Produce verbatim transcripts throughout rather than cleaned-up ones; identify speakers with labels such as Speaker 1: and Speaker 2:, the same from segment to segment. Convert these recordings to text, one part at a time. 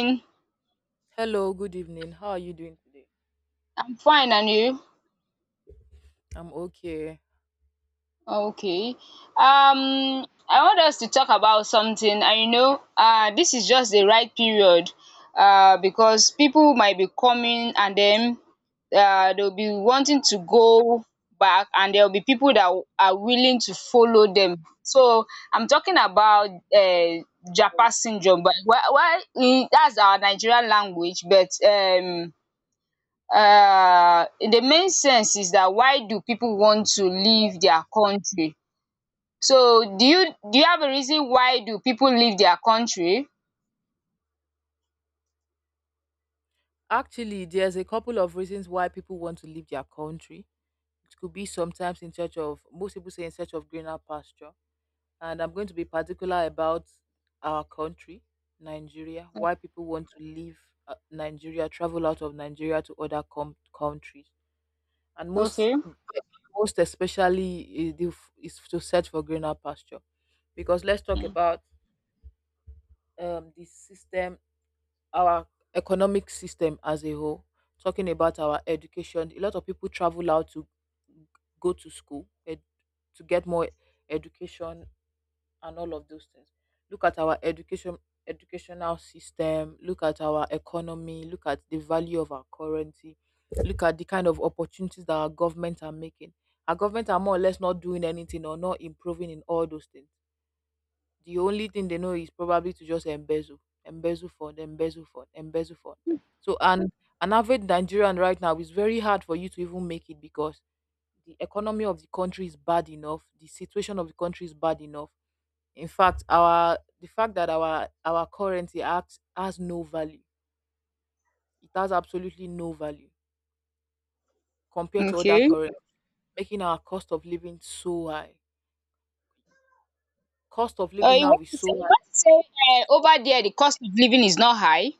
Speaker 1: I'm
Speaker 2: Hello, good evening. How are you doing?
Speaker 1: fine, and you?
Speaker 2: I'm okay.
Speaker 1: Okay. Um, I want us to talk about something, I know, uh, this is just the right period, uh, because people might be coming, and then uh, they'll be wanting to go back, and there'll be people that w- are willing to follow them. So I'm talking about uh, Japa syndrome, but well, well, in- that's our Nigerian language, but um. Uh, the main sense is that, why do people want to leave their country? So do you do you have a reason why do people leave their country?
Speaker 2: Actually, there's a couple of reasons why people want to leave their country. It could be sometimes in search of, most people say in search of greener pasture. And I'm going to be particular about our country, Nigeria, why people want to leave uh, Nigeria, travel out of Nigeria to other com- countries. And most,
Speaker 1: Okay.
Speaker 2: most especially is, the f- is to search for greener pasture. Because let's talk
Speaker 1: Mm.
Speaker 2: about um, the system our economic system as a whole, talking about our education. A lot of people travel out to go to school ed- to get more education and all of those things. Look at our education educational system, look at our economy, look at the value of our currency, look at the kind of opportunities that our government are making. Our government are more or less not doing anything or not improving in all those things. The only thing they know is probably to just embezzle, embezzle fund, embezzle fund, embezzle fund. So and an average Nigerian right now is very hard for you to even make it, because the economy of the country is bad enough, the situation of the country is bad enough. In fact, our the fact that our our currency acts has no value. It has absolutely no value compared to other
Speaker 1: Okay.
Speaker 2: currencies, making our cost of living so high. Cost of
Speaker 1: Uh,
Speaker 2: living
Speaker 1: you
Speaker 2: now
Speaker 1: want
Speaker 2: is
Speaker 1: to say
Speaker 2: so
Speaker 1: you
Speaker 2: high.
Speaker 1: want to say um over there the cost of living is not high?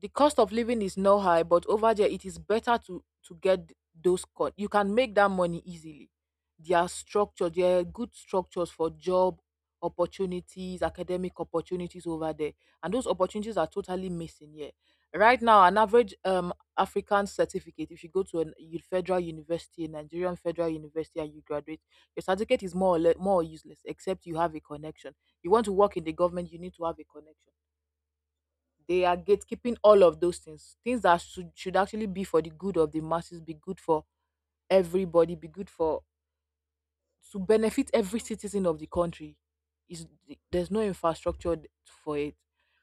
Speaker 2: The cost of living is not high, but over there it is better to to get those cut. You can make that money easily. There are structure, there are good structures for job opportunities, academic opportunities over there, and those opportunities are totally missing here. Right now, an average um African certificate, if you go to a federal university, a Nigerian federal university, and you graduate, your certificate is more or less more useless except you have a connection. You want to work in the government, you need to have a connection. They are gatekeeping all of those things. Things that should, should actually be for the good of the masses, be good for everybody, be good for to benefit every citizen of the country is there's no infrastructure th- for it.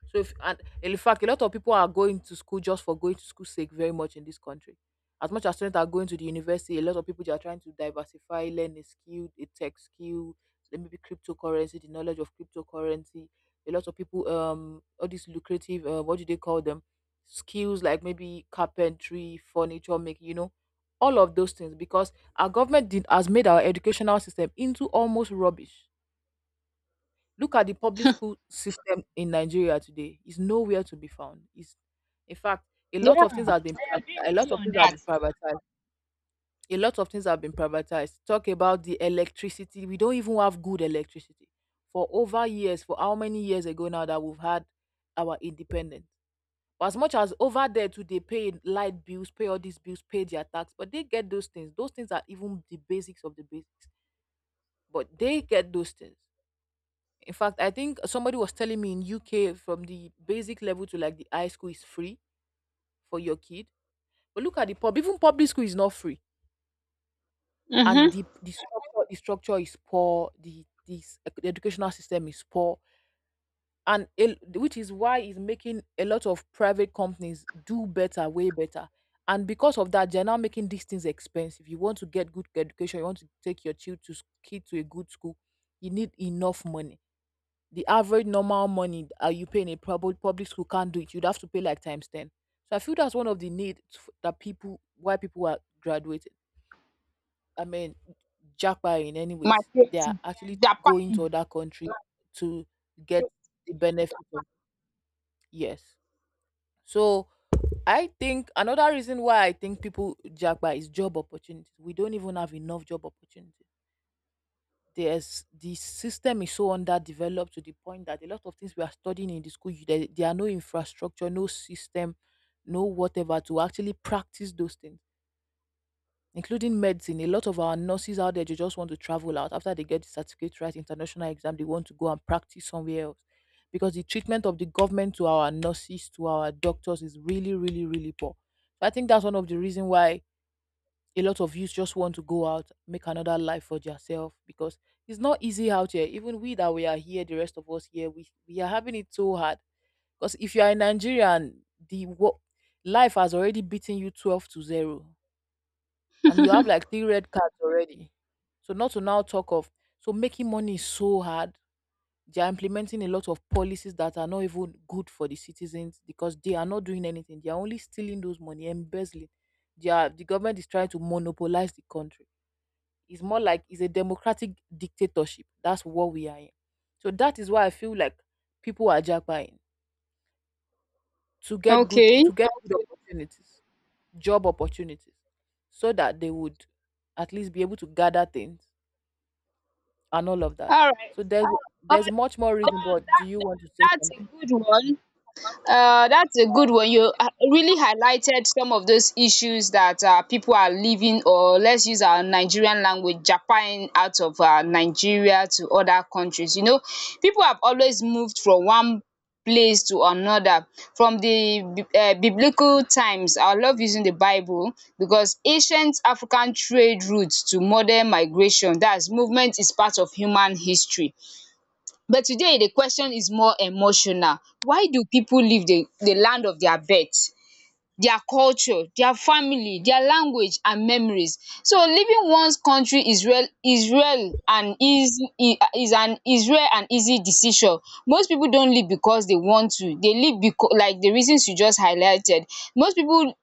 Speaker 2: So if and in fact a lot of people are going to school just for going to school sake very much in this country. As much as students are going to the university, a lot of people they are trying to diversify, learn a skill, a tech skill, then maybe cryptocurrency, the knowledge of cryptocurrency. A lot of people um all these lucrative uh, what do they call them, skills like maybe carpentry, furniture making, you know, all of those things, because our government did, has made our educational system into almost rubbish. Look at the public school system in Nigeria today. It's nowhere to be found. It's, in fact, a lot of
Speaker 1: Yeah,
Speaker 2: things have been pri- a lot of things have
Speaker 1: that.
Speaker 2: been privatized. A lot of things have been privatized. Talk about the electricity. We don't even have good electricity for over years. For how many years ago now that we've had our independence? But as much as over there too, they pay light bills, pay all these bills, pay their tax, but they get those things. Those things are even the basics of the basics, but they get those things. In fact, I think somebody was telling me in U K from the basic level to like the high school is free for your kid. But look at the pub, even public school is not free.
Speaker 1: Mhm.
Speaker 2: And the the structure, the structure is poor, the this the educational system is poor. And el- which is why it's making a lot of private companies do better, way better. And because of that, they're now making these things expensive. You want to get good education, you want to take your child to s- kid to a good school, you need enough money. The average normal money uh, you pay in a public public school can't do it. You'd have to pay like times ten. So I feel that's one of the needs f- that people why people are graduating. I mean, jackpot in any ways. They
Speaker 1: Materials,
Speaker 2: are actually going to
Speaker 1: Japan.
Speaker 2: other country to get the benefit of yes. So I think another reason why I think people jackpot is job opportunities. We don't even have enough job opportunities. There's the system is so underdeveloped to the point that a lot of things we are studying in the school you- there, there are no infrastructure, no system, no whatever to actually practice those things, including medicine. A lot of our nurses out there, they just want to travel out after they get the certificate, right, international exam, they want to go and practice somewhere else, because the treatment of the government to our nurses, to our doctors is really, really, really poor. So I think that's one of the reason why a lot of youths just want to go out, make another life for yourself, because it's not easy out here. Even we that we are here, the rest of us here, we we are having it so hard. Because if you are in Nigeria and the wo- life has already beaten you twelve to zero, and you have like three red cards already, so not to now talk of so making money is so hard. They are implementing a lot of policies that are not even good for the citizens, because they are not doing anything. They are only stealing those money, embezzling. They are, the government is trying to monopolize the country. It's more like it's a democratic dictatorship. That's what we are in. So that is why I feel like people are jackpying to get good
Speaker 1: Okay.
Speaker 2: to get good opportunities, job opportunities, so that they would at least be able to gather things and all of that.
Speaker 1: Alright.
Speaker 2: So there's
Speaker 1: Um
Speaker 2: there's much more reason.
Speaker 1: that
Speaker 2: But
Speaker 1: that
Speaker 2: do you want to say
Speaker 1: that's a
Speaker 2: something?
Speaker 1: good one. Uh, that's a good one. You uh, really highlighted some of those issues that uh, people are living, or let's use our Nigerian language, Japan out of uh, Nigeria to other countries. You know, people have always moved from one place to another, from the bi- uh, biblical times. I love using the Bible, because ancient African trade routes to modern migration, that's, movement is part of human history. But today the question is more emotional. Why do people leave the, the land of their birth, their culture, their family, their language and memories? So leaving one's country is Israel Israel and easy, is an, is rare and easy decision. Most people don't leave because they want to. They leave because, like the reasons you just highlighted, most people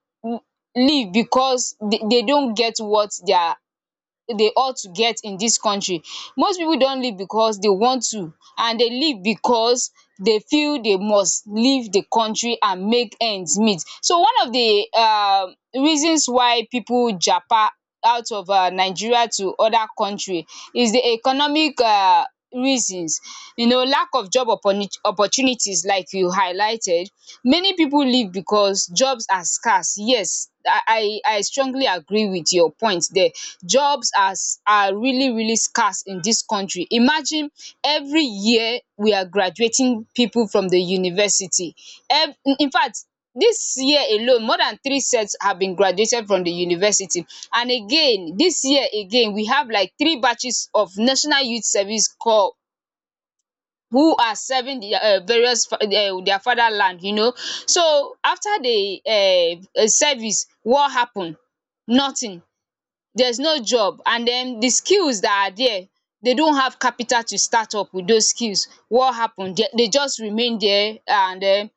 Speaker 1: leave because they, they don't get what their dey ought to get in dis country. Most pipu don leave because dey want to, and dey leave because dey feel dey must leave the country and make ends meet. So one of the um reasons why pipu japa out of um Nigeria to other country is the economic um reasons. You know, lack of job opportuni- opportunities, like you highlighted, many pipu leave because jobs are scarce. Yes, I I I strongly agree with your point there. Jobs are s- are really really scarce in dis country. Imagine, every year we are graduating pipu from the university. Infact, this year alone, more than three sets have been graduated from the university. And again, this year again, we have like three batches of National Youth Service Corps who are serving the um various, um their fatherland, you know. So, after the um service, what happen? Nothing. There's no job, and den the skills that are there, they don't have capital to start up with those skills. What happen? They they just remain there, and den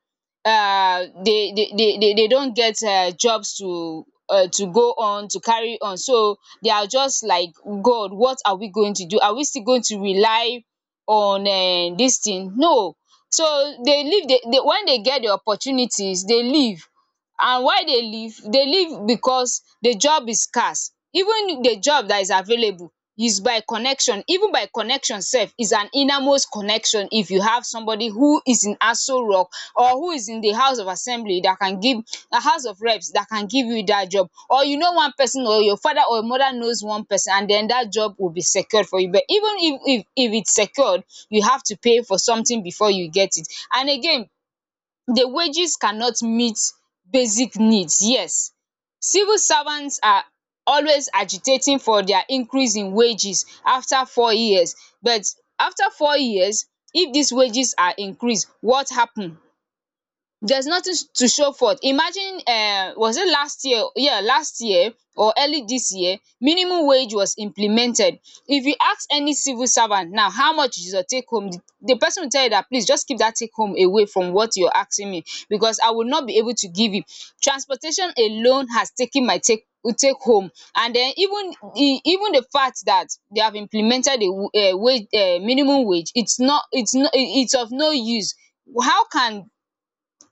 Speaker 1: um they they they they they don't get um jobs, to um to go on to carry on. So they are just like, God, what are we going to do? Are we still going to rely on um this thing? No. So they leave the when they get the opportunities, they leave. And why dey leave dey leave because the job is scarce. Even the job that is available is by connection. Even by connection, sef is an innermost connection. If you have somebody who is in Aso Rock, or who is in the house of assembly that can give, the house of reps, that can give you that job, or you know one person, or your father or mother knows one person, and then that job will be secured for you. But even if if if it's secured, you have to pay for something before you get it. And again, the wages cannot meet basic needs. Yes, civil servants are always agitating for their increase in wages after four years, but after four years, if these wages are increased, what happen? There's nothing s- to show for it. Imagine, uh, was it last year? Yeah, last year, or early this year, minimum wage was implemented. If you ask any civil servant now, how much is your take home? The, the person will tell you that, please just keep that take home away from what you're asking me, because I will not be able to give you. Transportation alone has taken my take take home. And then even e- even the fact that they have implemented a uh, wage, uh, minimum wage, it's not it's not it's of no use. How can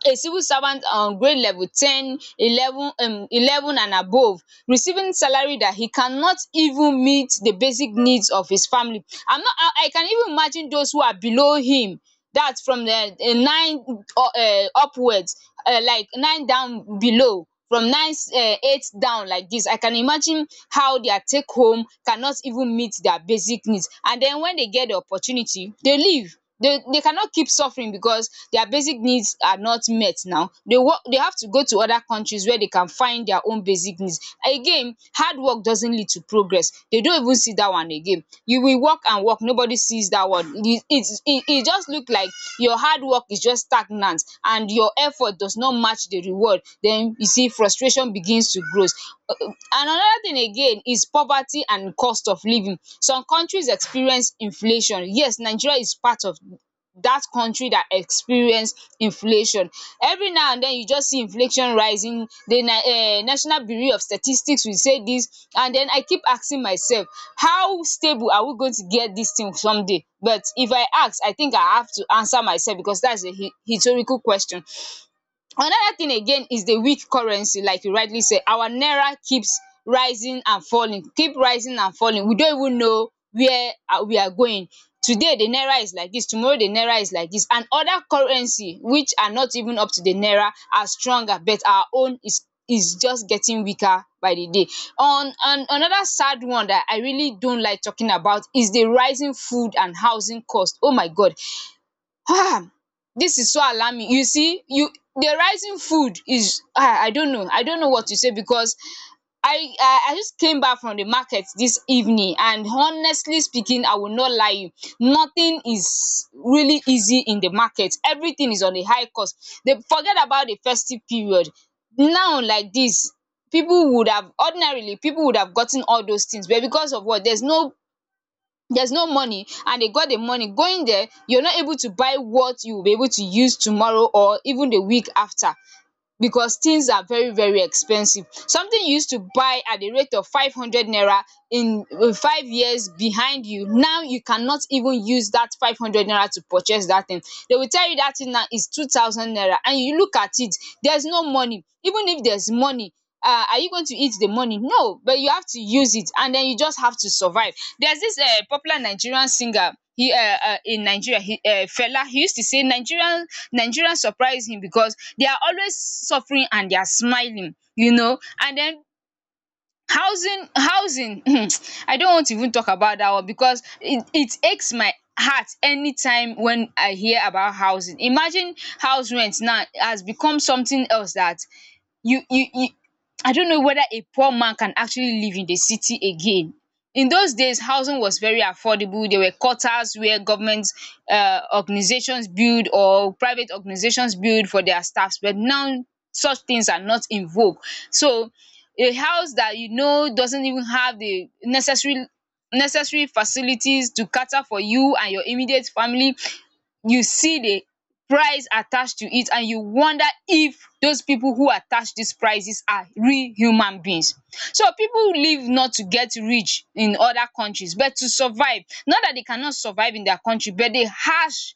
Speaker 1: a civil servant on grade level ten eleven um eleven and above, receiving salary that he cannot even meet the basic needs of his family? I'm not i I can even imagine those who are below him, that's from the uh, nine, uh, uh, upwards, uh, like nine down, below from nine, um eight down, like this. I can imagine how their take home cannot even meet their basic needs, and den when they get the opportunity, they leave. They they cannot keep suffering because their basic needs are not met. Now they work, they have to go to other countries where they can find their own basic needs. Again, hard work doesn't lead to progress, they don't even see that one again. You will work and work, nobody sees that one. It it it it just look like your hard work is just stagnant, and your effort does not match the reward. Then you see, frustration begins to grow. grows Another thing again is poverty and cost of living. Some countries experience inflation. Yes, Nigeria is part of dat country dat experience inflation. Every now and den, you just see inflation rising. The um National Bureau of Statistics will say dis, and den I keep asking myself, how stable are we going to get dis thing someday? But if I ask, I think I have to answer myself, because dat is a rhetorical question. Another thing again is the weak currency, like you rightly said. Our naira keeps rising and falling, keep rising and falling. We don't even know where are we are going. Today the naira is like dis, tomorrow the naira is like dis, and other currency which are not even up to the naira are stronger, but our own is is just getting weaker by the day. On on another sad one that I really don't like talking about is the rising food and housing cost. Oh my God! um This is so alarming. You see, you the rising food is, ah I don't know. I don't know what to say, because I I I just came back from the market this evening, and honestly speaking, I will not lie you, nothing is really easy in the market. Everything is on a high cost. They forget about the festive period. Now like this, people would have ordinarily people would have gotten all those things, but because of what, there's no there's no money. And they got the money going there, you're not able to buy what you will be able to use tomorrow, or even the week after, because things are very very expensive. Something you used to buy at the rate of five hundred naira in, uh, five years behind, you now you cannot even use that five hundred naira to purchase that thing. They will tell you that thing now is two thousand naira, and you look at it, there's no money. Even if there's money, uh are you going to eat the money? No, but you have to use it, and then you just have to survive. There's this um popular Nigerian singer, he, um um in Nigeria, he, um Fela, he used to say Nigerian Nigerians surprise him, because they are always suffering and they are smiling, you know. And then, housing housing I don't want to even talk about that one, because it, it aches my heart anytime when I hear about housing. Imagine, house rent now has become something else, that you you, you I don't know whether a poor man can actually live in the city again. In those days, housing was very affordable. There were quarters where government uh, organizations build, or private organizations build for their staffs, but now such things are not in vogue. So a house that, you know, doesn't even have the necessary necessary facilities to cater for you and your immediate family, you see the price attached to it, and you wonder if those people who attach these prices are real human beings. So people live not to get rich in other countries, but to survive. Not that they cannot survive in their country, but the harsh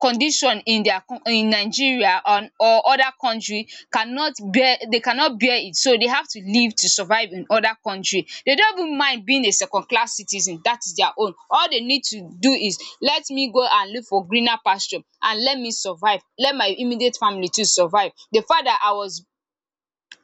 Speaker 1: condition in their in Nigeria, or or other country cannot bear, they cannot bear it, so they have to leave to survive in other country. They don't even mind being a second class citizen, that is their own. All they need to do is, let me go and look for greener pasture, and let me survive, let my immediate family to survive. The fact that I was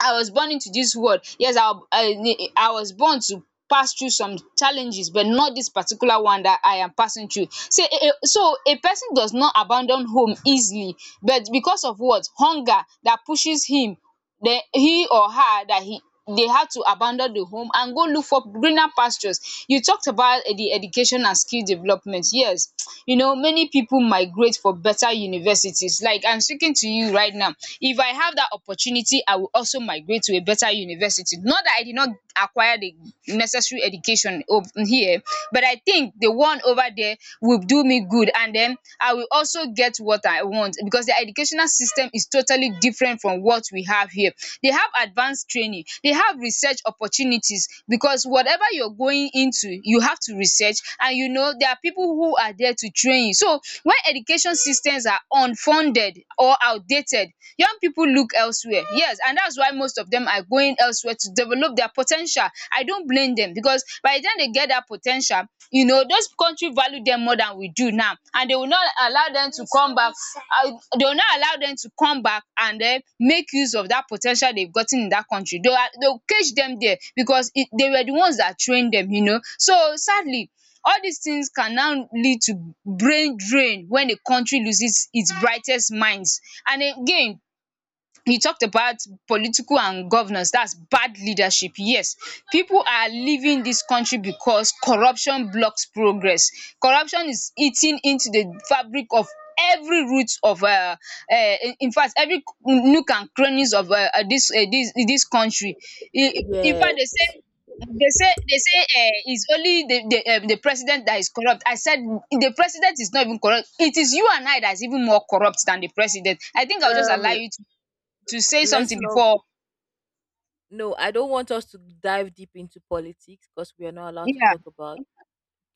Speaker 1: I was born into this world. Yes, I, I, I was born to pass through some challenges, but not this particular one that I am passing through. So, so a person does not abandon home easily, but because of what hunger that pushes him, then he or her that he they had to abandon the home and go look for greener pastures. You talked about eh, the education and skill development. Yes, you know, many people migrate for better universities. Like I'm speaking to you right now. If I have that opportunity, I will also migrate to a better university. Not that I did not acquire the necessary education over here, but I think the one over there will do me good. And then I will also get get what I want because their educational system is totally different from what we have here. They have advanced training, they have research opportunities because whatever you're going into, you have to research and you know there are people who are there to train you. So when education systems are unfunded or outdated, young people look elsewhere. Yes, and that's why most of them are going elsewhere to develop their potential. I don't blame them because by the time they get that po ten tial, you know, those country value them more than we do now and they will not allow them to come back um they will not allow them to come back and then make use of that po ten tial they've gotten in that country. They are they will cage them there because it they were the ones that trained them, you know. So sadly, all these things can now lead to brain drain when a country loses its brightest minds. And again, you talked about political and governance, that's bad leadership. Yes, people are leaving this country because corruption blocks progress. Corruption is eating into the fabric of every root of uh, uh in in fact, every nook and crannies of uh, uh, this uh, this this country in in fact they say
Speaker 2: Yes.
Speaker 1: they say they say uh, it's only the the, um, the president that is corrupt. I said the president is not even corrupt, it is you and I that's even more corrupt than the president. I think I'll just allow
Speaker 2: Um,
Speaker 1: you to to say
Speaker 2: let's
Speaker 1: something
Speaker 2: not.
Speaker 1: before.
Speaker 2: No, I don't want us to dive deep into politics because we are not allowed to
Speaker 1: Yeah.
Speaker 2: talk about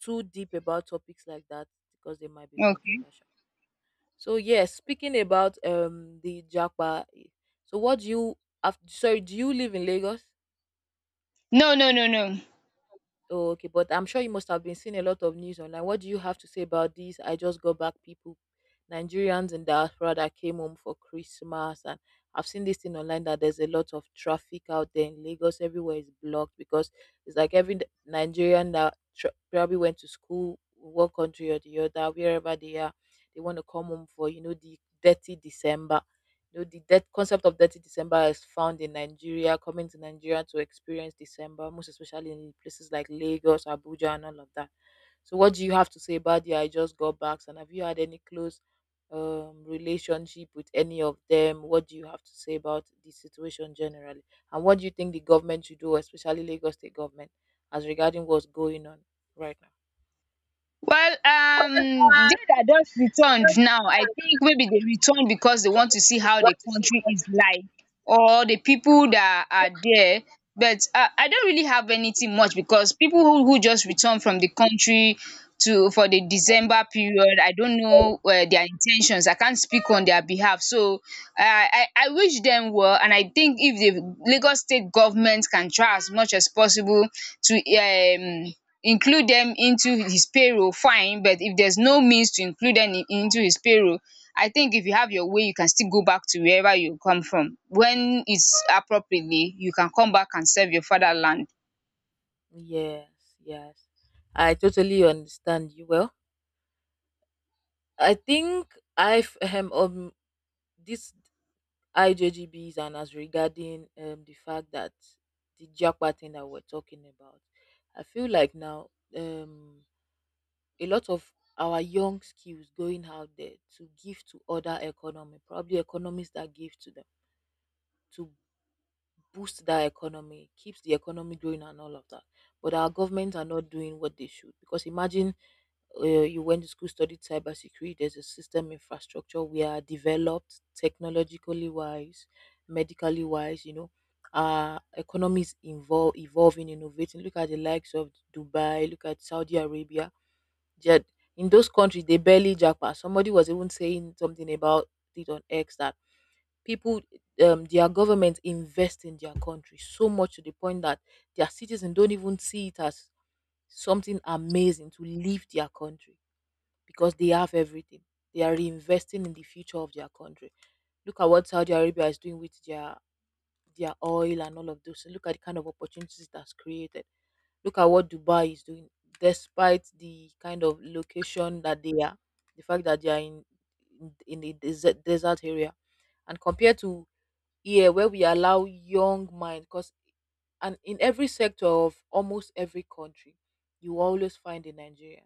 Speaker 2: too deep about topics like that, because they might be
Speaker 1: Okay.
Speaker 2: controversial. So yes, speaking about um the Japa. eh, So what do you have? Sorry, do you live in Lagos?
Speaker 1: No, no, no, no.
Speaker 2: Oh, okay, but I'm sure you must have been seeing a lot of news online. What do you have to say about these? I just got back people, Nigerians in diaspora that came home for Christmas, and I've seen this thing online that there's a lot of traffic out there in Lagos. Everywhere is blocked because it's like every N- Nigerian that tr- probably went to school, one country or the other, wherever they are, they want to come home for you know the dirty December. You know, the death concept of dirty December is found in Nigeria, coming to Nigeria to experience December, most especially in places like Lagos, Abuja, and all of that. So, what do you have to say about the I just got back? And have you had any close um, relationship with any of them? What do you have to say about the situation generally? And what do you think the government should do, especially Lagos state government, as regarding what's going on right now?
Speaker 1: Well, um,
Speaker 2: Uh,
Speaker 1: they that just returned now, I think maybe they returned because they want to see how the country is like or the people that are there. But uh, I don't really have anything much because people who, who just returned from the country to for the December period, I don't know uh, their intentions. I can't speak on their behalf. So I, I I wish them well, and I think if the Lagos State government can try as much as possible to um include them into his payroll, fine. But if there's no means to include them in, into his payroll, I think if you have your way, you can still go back to wherever you come from. When it's appropriately, you can come back and serve your fatherland.
Speaker 2: Yes, yes. I totally understand you. Well, I think I've um, um this I J G Bs and as regarding um the fact that the Japa thing that we're talking about, I feel like now um a lot of our young skills going out there to give to other economy, probably economies that give to them to boost that economy, keeps the economy growing and all of that. But our governments are not doing what they should, because imagine uh, you went to school, studied cybersecurity, there's a system infrastructure we are developed technologically wise, medically wise, you know. Our economies involve evolving, innovating. Look at the likes of Dubai, look at Saudi Arabia. Jed in those countries they barely jackpot. Somebody was even saying something about it on X that people um their government invest in their country so much to the point that their citizens don't even see it as something amazing to leave their country because they have everything. They are reinvesting in the future of their country. Look at what Saudi Arabia is doing with their their oil and all of those. So look at the kind of opportunities that's created. Look at what Dubai is doing, despite the kind of location that they are, the fact that they are in in in a desert, desert area, and compared to yeah where we allow young mind because and in every sector of almost every country you always find a nigerian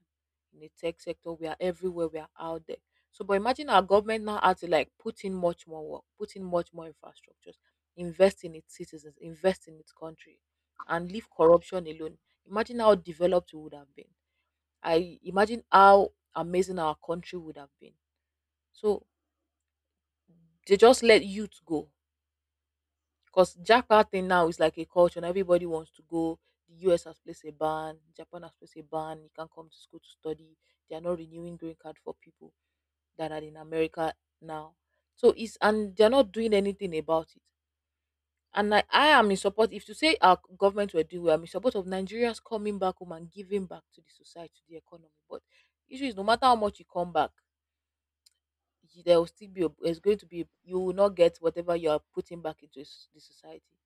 Speaker 2: in the tech sector we are everywhere we are out there so but imagine our government now had to like put in much more work put in much more infrastructures invest in its citizens invest in its country and leave corruption alone imagine how developed we would have been I imagine how amazing our country would have been so they just let youth go because Jakarta thing now is like a culture, and everybody wants to go. The U S has placed a ban, Japan has placed a ban. You can't come to school to study. They are not renewing green card for people that are in America now. So it's and they're not doing anything about it. And I, I am in support. If to say our government were doing, well, I'm in support of Nigerians coming back home and giving back to the society, to the economy. But issue is no matter how much you come back, y- there will still be a, there's going to be you will not get whatever you are putting back into s- the society,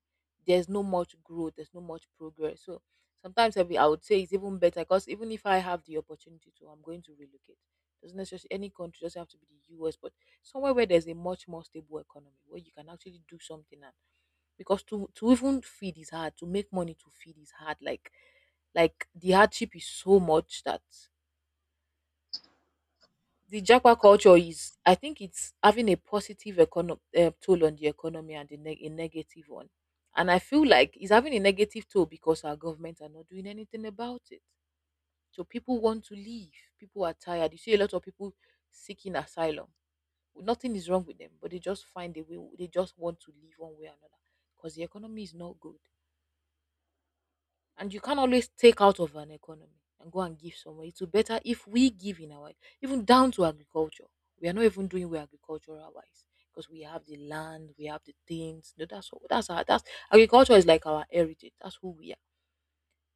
Speaker 2: there's no much growth, there's no much progress. So sometimes i, be, I would say it's even better because even if I have the opportunity to I'm going to relocate. Doesn't necessarily any country, doesn't have to be the us, but somewhere where there's a much more stable economy where you can actually do something. And because to to even feed is hard, to make money to feed is hard, like like the hardship is so much that the Japa culture is, I think it's having a positive econo- uh, toll on the economy and a, neg a negative one. And I feel like it's having a negative toll because our government are not doing anything about it. So people want to leave. People are tired. You see a lot of people seeking asylum. Nothing is wrong with them, but they just find a way. They just want to leave one way or another because the economy is not good. And you can't always take out of an economy and go and give somewhere. It will better if we give in our, even down to agriculture. We are not even doing well agricultural wise because we have the land, we have the things. No, that's what that's our that's agriculture is like our heritage. That's who we are.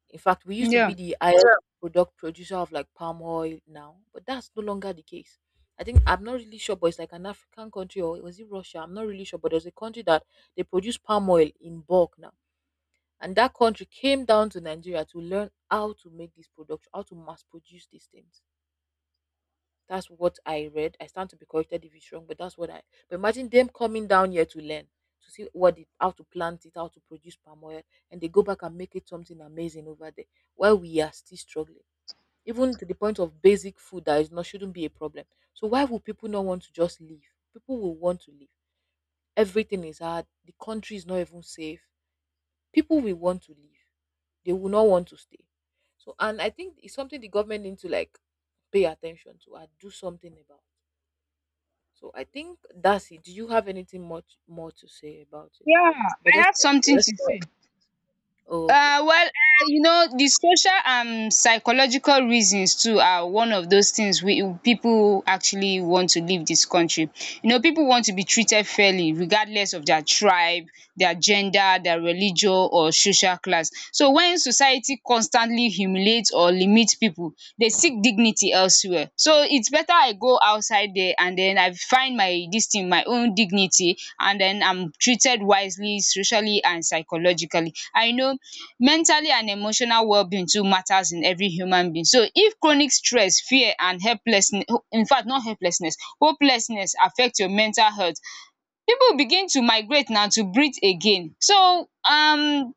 Speaker 2: In fact, we used to be
Speaker 1: Yeah.
Speaker 2: the highest. Yeah, product producer of like palm oil now, but that's no longer the case. I think I'm not really sure, but it's like an African country, or was it Russia? I'm not really sure, but there's a country that they produce palm oil in bulk now, and that country came down to Nigeria to learn how to make this production, how to mass produce these things. That's what I read. I stand to be corrected if it's wrong, but that's what I. But imagine them coming down here to learn, to see what it, how to plant it, how to produce palm oil, and they go back and make it something amazing over there, while we are still struggling, even to the point of basic food that is not shouldn't be a problem. So why would people not want to just leave? People will want to leave. Everything is hard. The country is not even safe. People will want to leave. They will not want to stay. So, and I think it's something the government need to like pay attention to and do something about. So, I think that's it. Do you have anything much more to say about it?
Speaker 1: Yeah,
Speaker 2: But
Speaker 1: I
Speaker 2: just
Speaker 1: have something
Speaker 2: let's.
Speaker 1: to say.
Speaker 2: Oh, okay.
Speaker 1: Uh well um you know, the social and psychological reasons too are one of those things we people actually want to leave this country. You know, people want to be treated fairly regardless of their tribe, their gender, their religion or social class. So when society constantly humiliates or limits people, they seek dignity elsewhere. Well, so it's better I go outside there and then I find my this thing my own dignity and then I'm treated wisely, socially and psychologically. I know mentally and emotional well-being too matters in every human being. So if chronic stress, fear and helplessness, in fact, not helplessness, hopelessness, affect your mental health, people begin to migrate now to breathe again. So um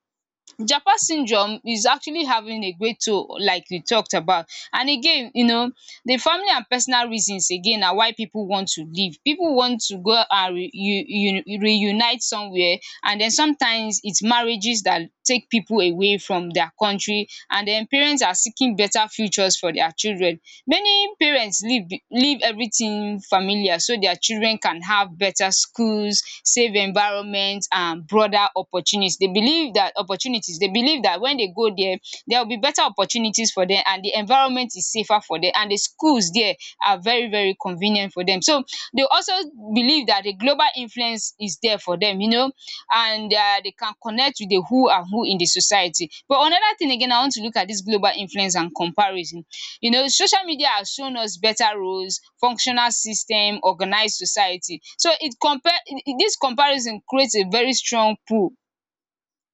Speaker 1: japa syndrome is actually having a great toll, like we talked about. And again, you know, the family and personal reasons again na why pipu want to leave. Pipu want to go and re u u reunite somewhere and den sometimes it's marriages that take pipu away from their country and den parents are seeking better futures for their children. Many parents leave be leave everything familiar so their children can have better schools, safe environment and broader opportunities. They believe that opportunities. They believe that when they go there there will be better opportunities for them and the environment is safer for them and the schools there are very very convenient for them. So they also believe that the global influence is there for them, you know, and uh, they can connect with the who and who in the society. But another thing again, I want to look at this global influence and comparison. You know, social media has shown us better roles, functional system, organized society. So it compare, this comparison creates a very strong pull,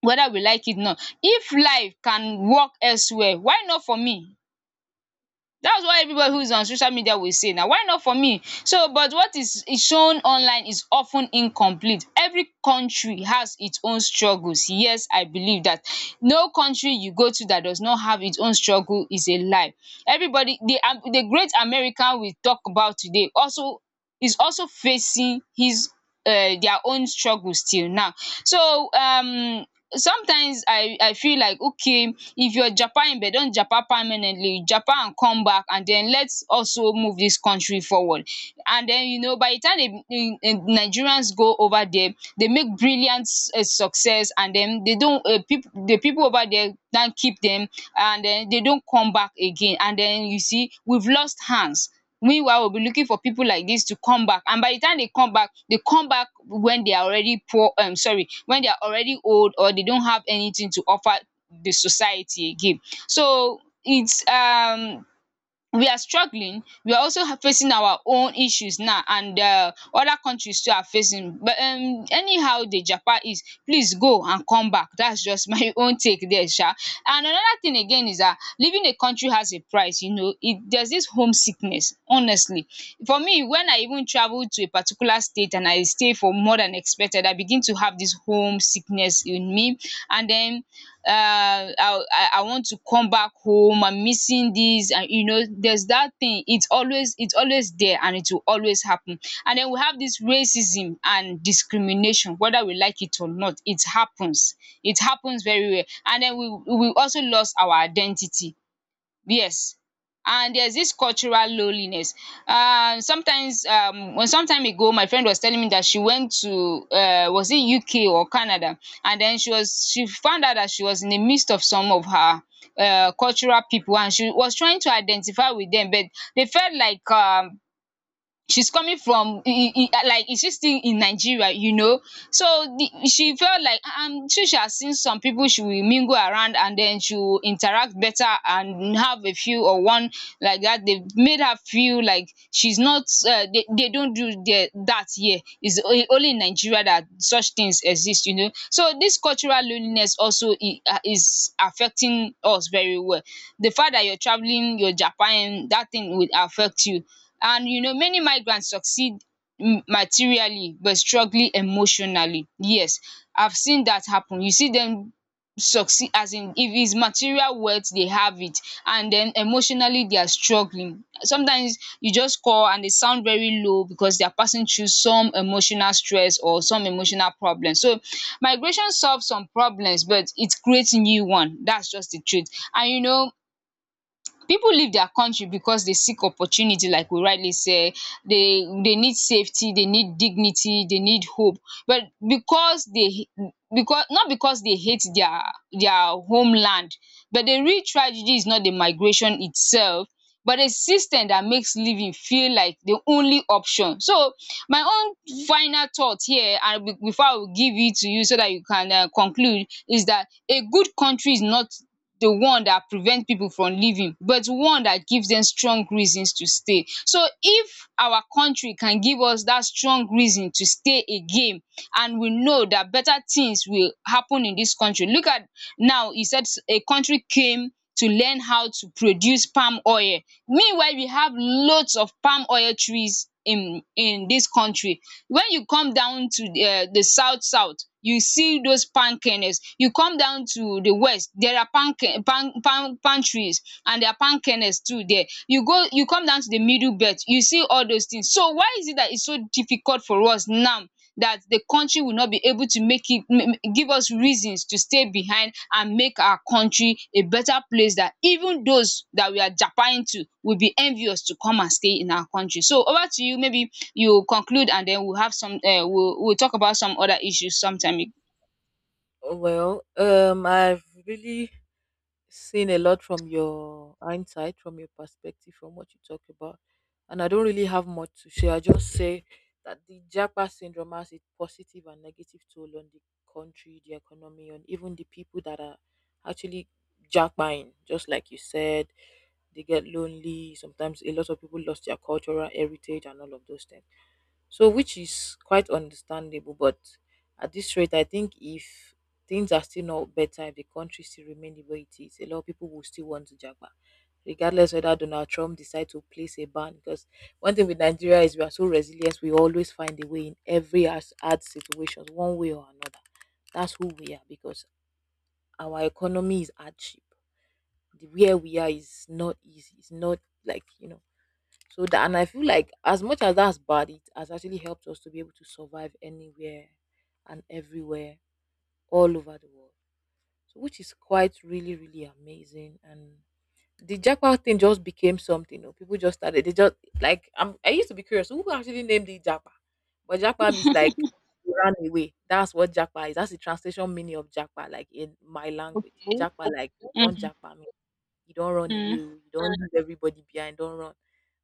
Speaker 1: whether we like it or not. If life can work elsewhere, why not for me? That's what everybody who is on social media will say now. Why not for me? So, but what is is shown online is often incomplete. Every country has its own struggles. Yes, I believe that. No country you go to that does not have its own struggle is a lie. Everybody, the um the great American we talk about today also is also facing his um their own struggles till now. So um sometimes i i feel like okay, if your japa imbe don japa permanently, japa am come back and den let's also move dis country forward. And den, you know, by the time the the Nigerians go over there they make brilliant um success and den they don um people the people over there now keep dem and den they don come back again and den you see we've lost hands. Meanwhile, we will be looking for pipu like dis to come back, and by the time they come back they come back when they are already poor, um sorry, when they are already old or they don't have anything to offer the society again. So it's um we are struggling, we are also ha- facing our own issues now and um other countries too are facing, but um anyhow the japa is please go and come back. That's just my own take there. um and another thing again is that leaving a country has a price. You know, it there's this homesickness, honestly. For me, when I even travel to a particular state and I stay for more than expected affected, I begin to have this home sickness in me. And then uh i i I want to come back home, I'm missing this. And you know there's that thing, it's always, it's always there and it will always happen. And then we have this racism and discrimination, whether we like it or not, it happens. It happens very well. And then we we also lost our identity. Yes. And there's this cultural loneliness. Um, sometimes, um, well, some time ago, my friend was telling me that she went to, uh, was it U K or Canada, and then she was she found out that she was in the midst of some of her uh, cultural people, and she was trying to identify with them, but they felt like um, she's coming from e- e- e- like is she still in Nigeria, you know. So the she felt like um since she has seen some people she will mingle around and then she will interact better and have a few or one like that. They made her feel like she's not uh, they, they don't do the, that here, it's o- only in Nigeria that such things exist, you know. So this cultural loneliness also i- uh, is affecting us very well. The fact that you're traveling, you're Japan, that thing will affect you. And you know, many migrants succeed m- materially but struggling emotionally. Yes, I've seen that happen. You see them succeed as in if it's material wealth they have it, and then emotionally they are struggling. Sometimes you just call and they sound very low because they are passing through some emotional stress or some emotional problem. So migration solves some problems but it creates new one. That's just the truth. And you know, people leave their country because they seek opportunity, like we rightly say. They they need safety, they need dignity, they need hope, but because they, because not because they hate their their homeland. But the real tragedy is not the migration itself but a system that makes living feel like the only option. So my own final thought here and be- before I will give it to you so that you can um conclude is that a good country is not the one that prevents people from leaving but one that gives them strong reasons to stay. So if our country can give us that strong reason to stay again, and we know that better things will happen in this country. Look at now, he said a country came to learn how to produce palm oil. Meanwhile, we have lots of palm oil trees in in this country. When you come down to the um the south south, you see those palm kernels. You come down to the west, there are palm kern palm palm palm trees and there are palm kernels too there. You go you come down to the middle belt, you see all those things. So why is it that it's so difficult for us now that the country will not be able to make it, give us reasons to stay behind and make our country a better place that even those that we are japaning to will be envious to come and stay in our country. So over to you, maybe you conclude and then we'll have some um we'll we'll talk about some other issues sometime.
Speaker 2: Well, um, I've really seen a lot from your hindsight, from your perspective, from what you talk about. And I don't really have much to share. I just say that the Japa syndrome has its positive and negative toll on the country, the economy, and even the people that are actually Japaing. Just like you said, they get lonely. Sometimes a lot of people lost their cultural heritage and all of those things. So, which is quite understandable. But at this rate, I think if things are still not better, if the country still remain the way it is, a lot of people will still want to japa, regardless whether Donald Trump decide to place a ban. Because one thing with Nigeria is we are so resilient, we always find a way in every as- hard situations, one way or another. That's who we are because our economy is hardship. The where we are is not easy. It's not like, you know. So that and I feel like as much as that's bad, it has actually helped us to be able to survive anywhere and everywhere all over the world. So which is quite really, really amazing. And the jackpot thing just became something. You know, people just started. They just like I'm, I used to be curious who actually named the jackpot, but jackpot is like you ran away. That's what jackpot is. That's the translation meaning of jackpot, like in my language. Jackpot, like you don't jackpot me. You don't run away.
Speaker 1: Mhm.
Speaker 2: oh, You don't leave everybody behind. Don't run.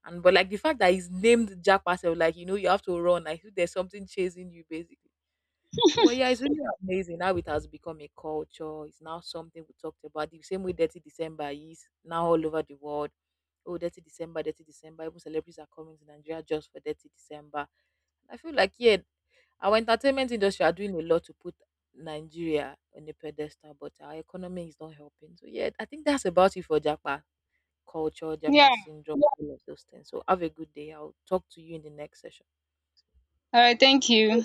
Speaker 2: And but like the fact that it's named jackpot, so like you know you have to run. Like there's something chasing you basically. So well, yeah, it's really amazing how it has become a culture. It's now something we talked about. The same way Dirty December is now all over the world. Oh, Dirty December, Dirty December. Even celebrities are coming to Nigeria just for Dirty December. I feel like yeah, our entertainment industry are doing a lot to put Nigeria on a pedestal, but our economy is not helping. So yeah, I think that's about it for Japan culture,
Speaker 1: Yeah.
Speaker 2: Japan syndrome, all of those things. So have a good day. I'll talk to you in the next session.
Speaker 1: All right. Thank you.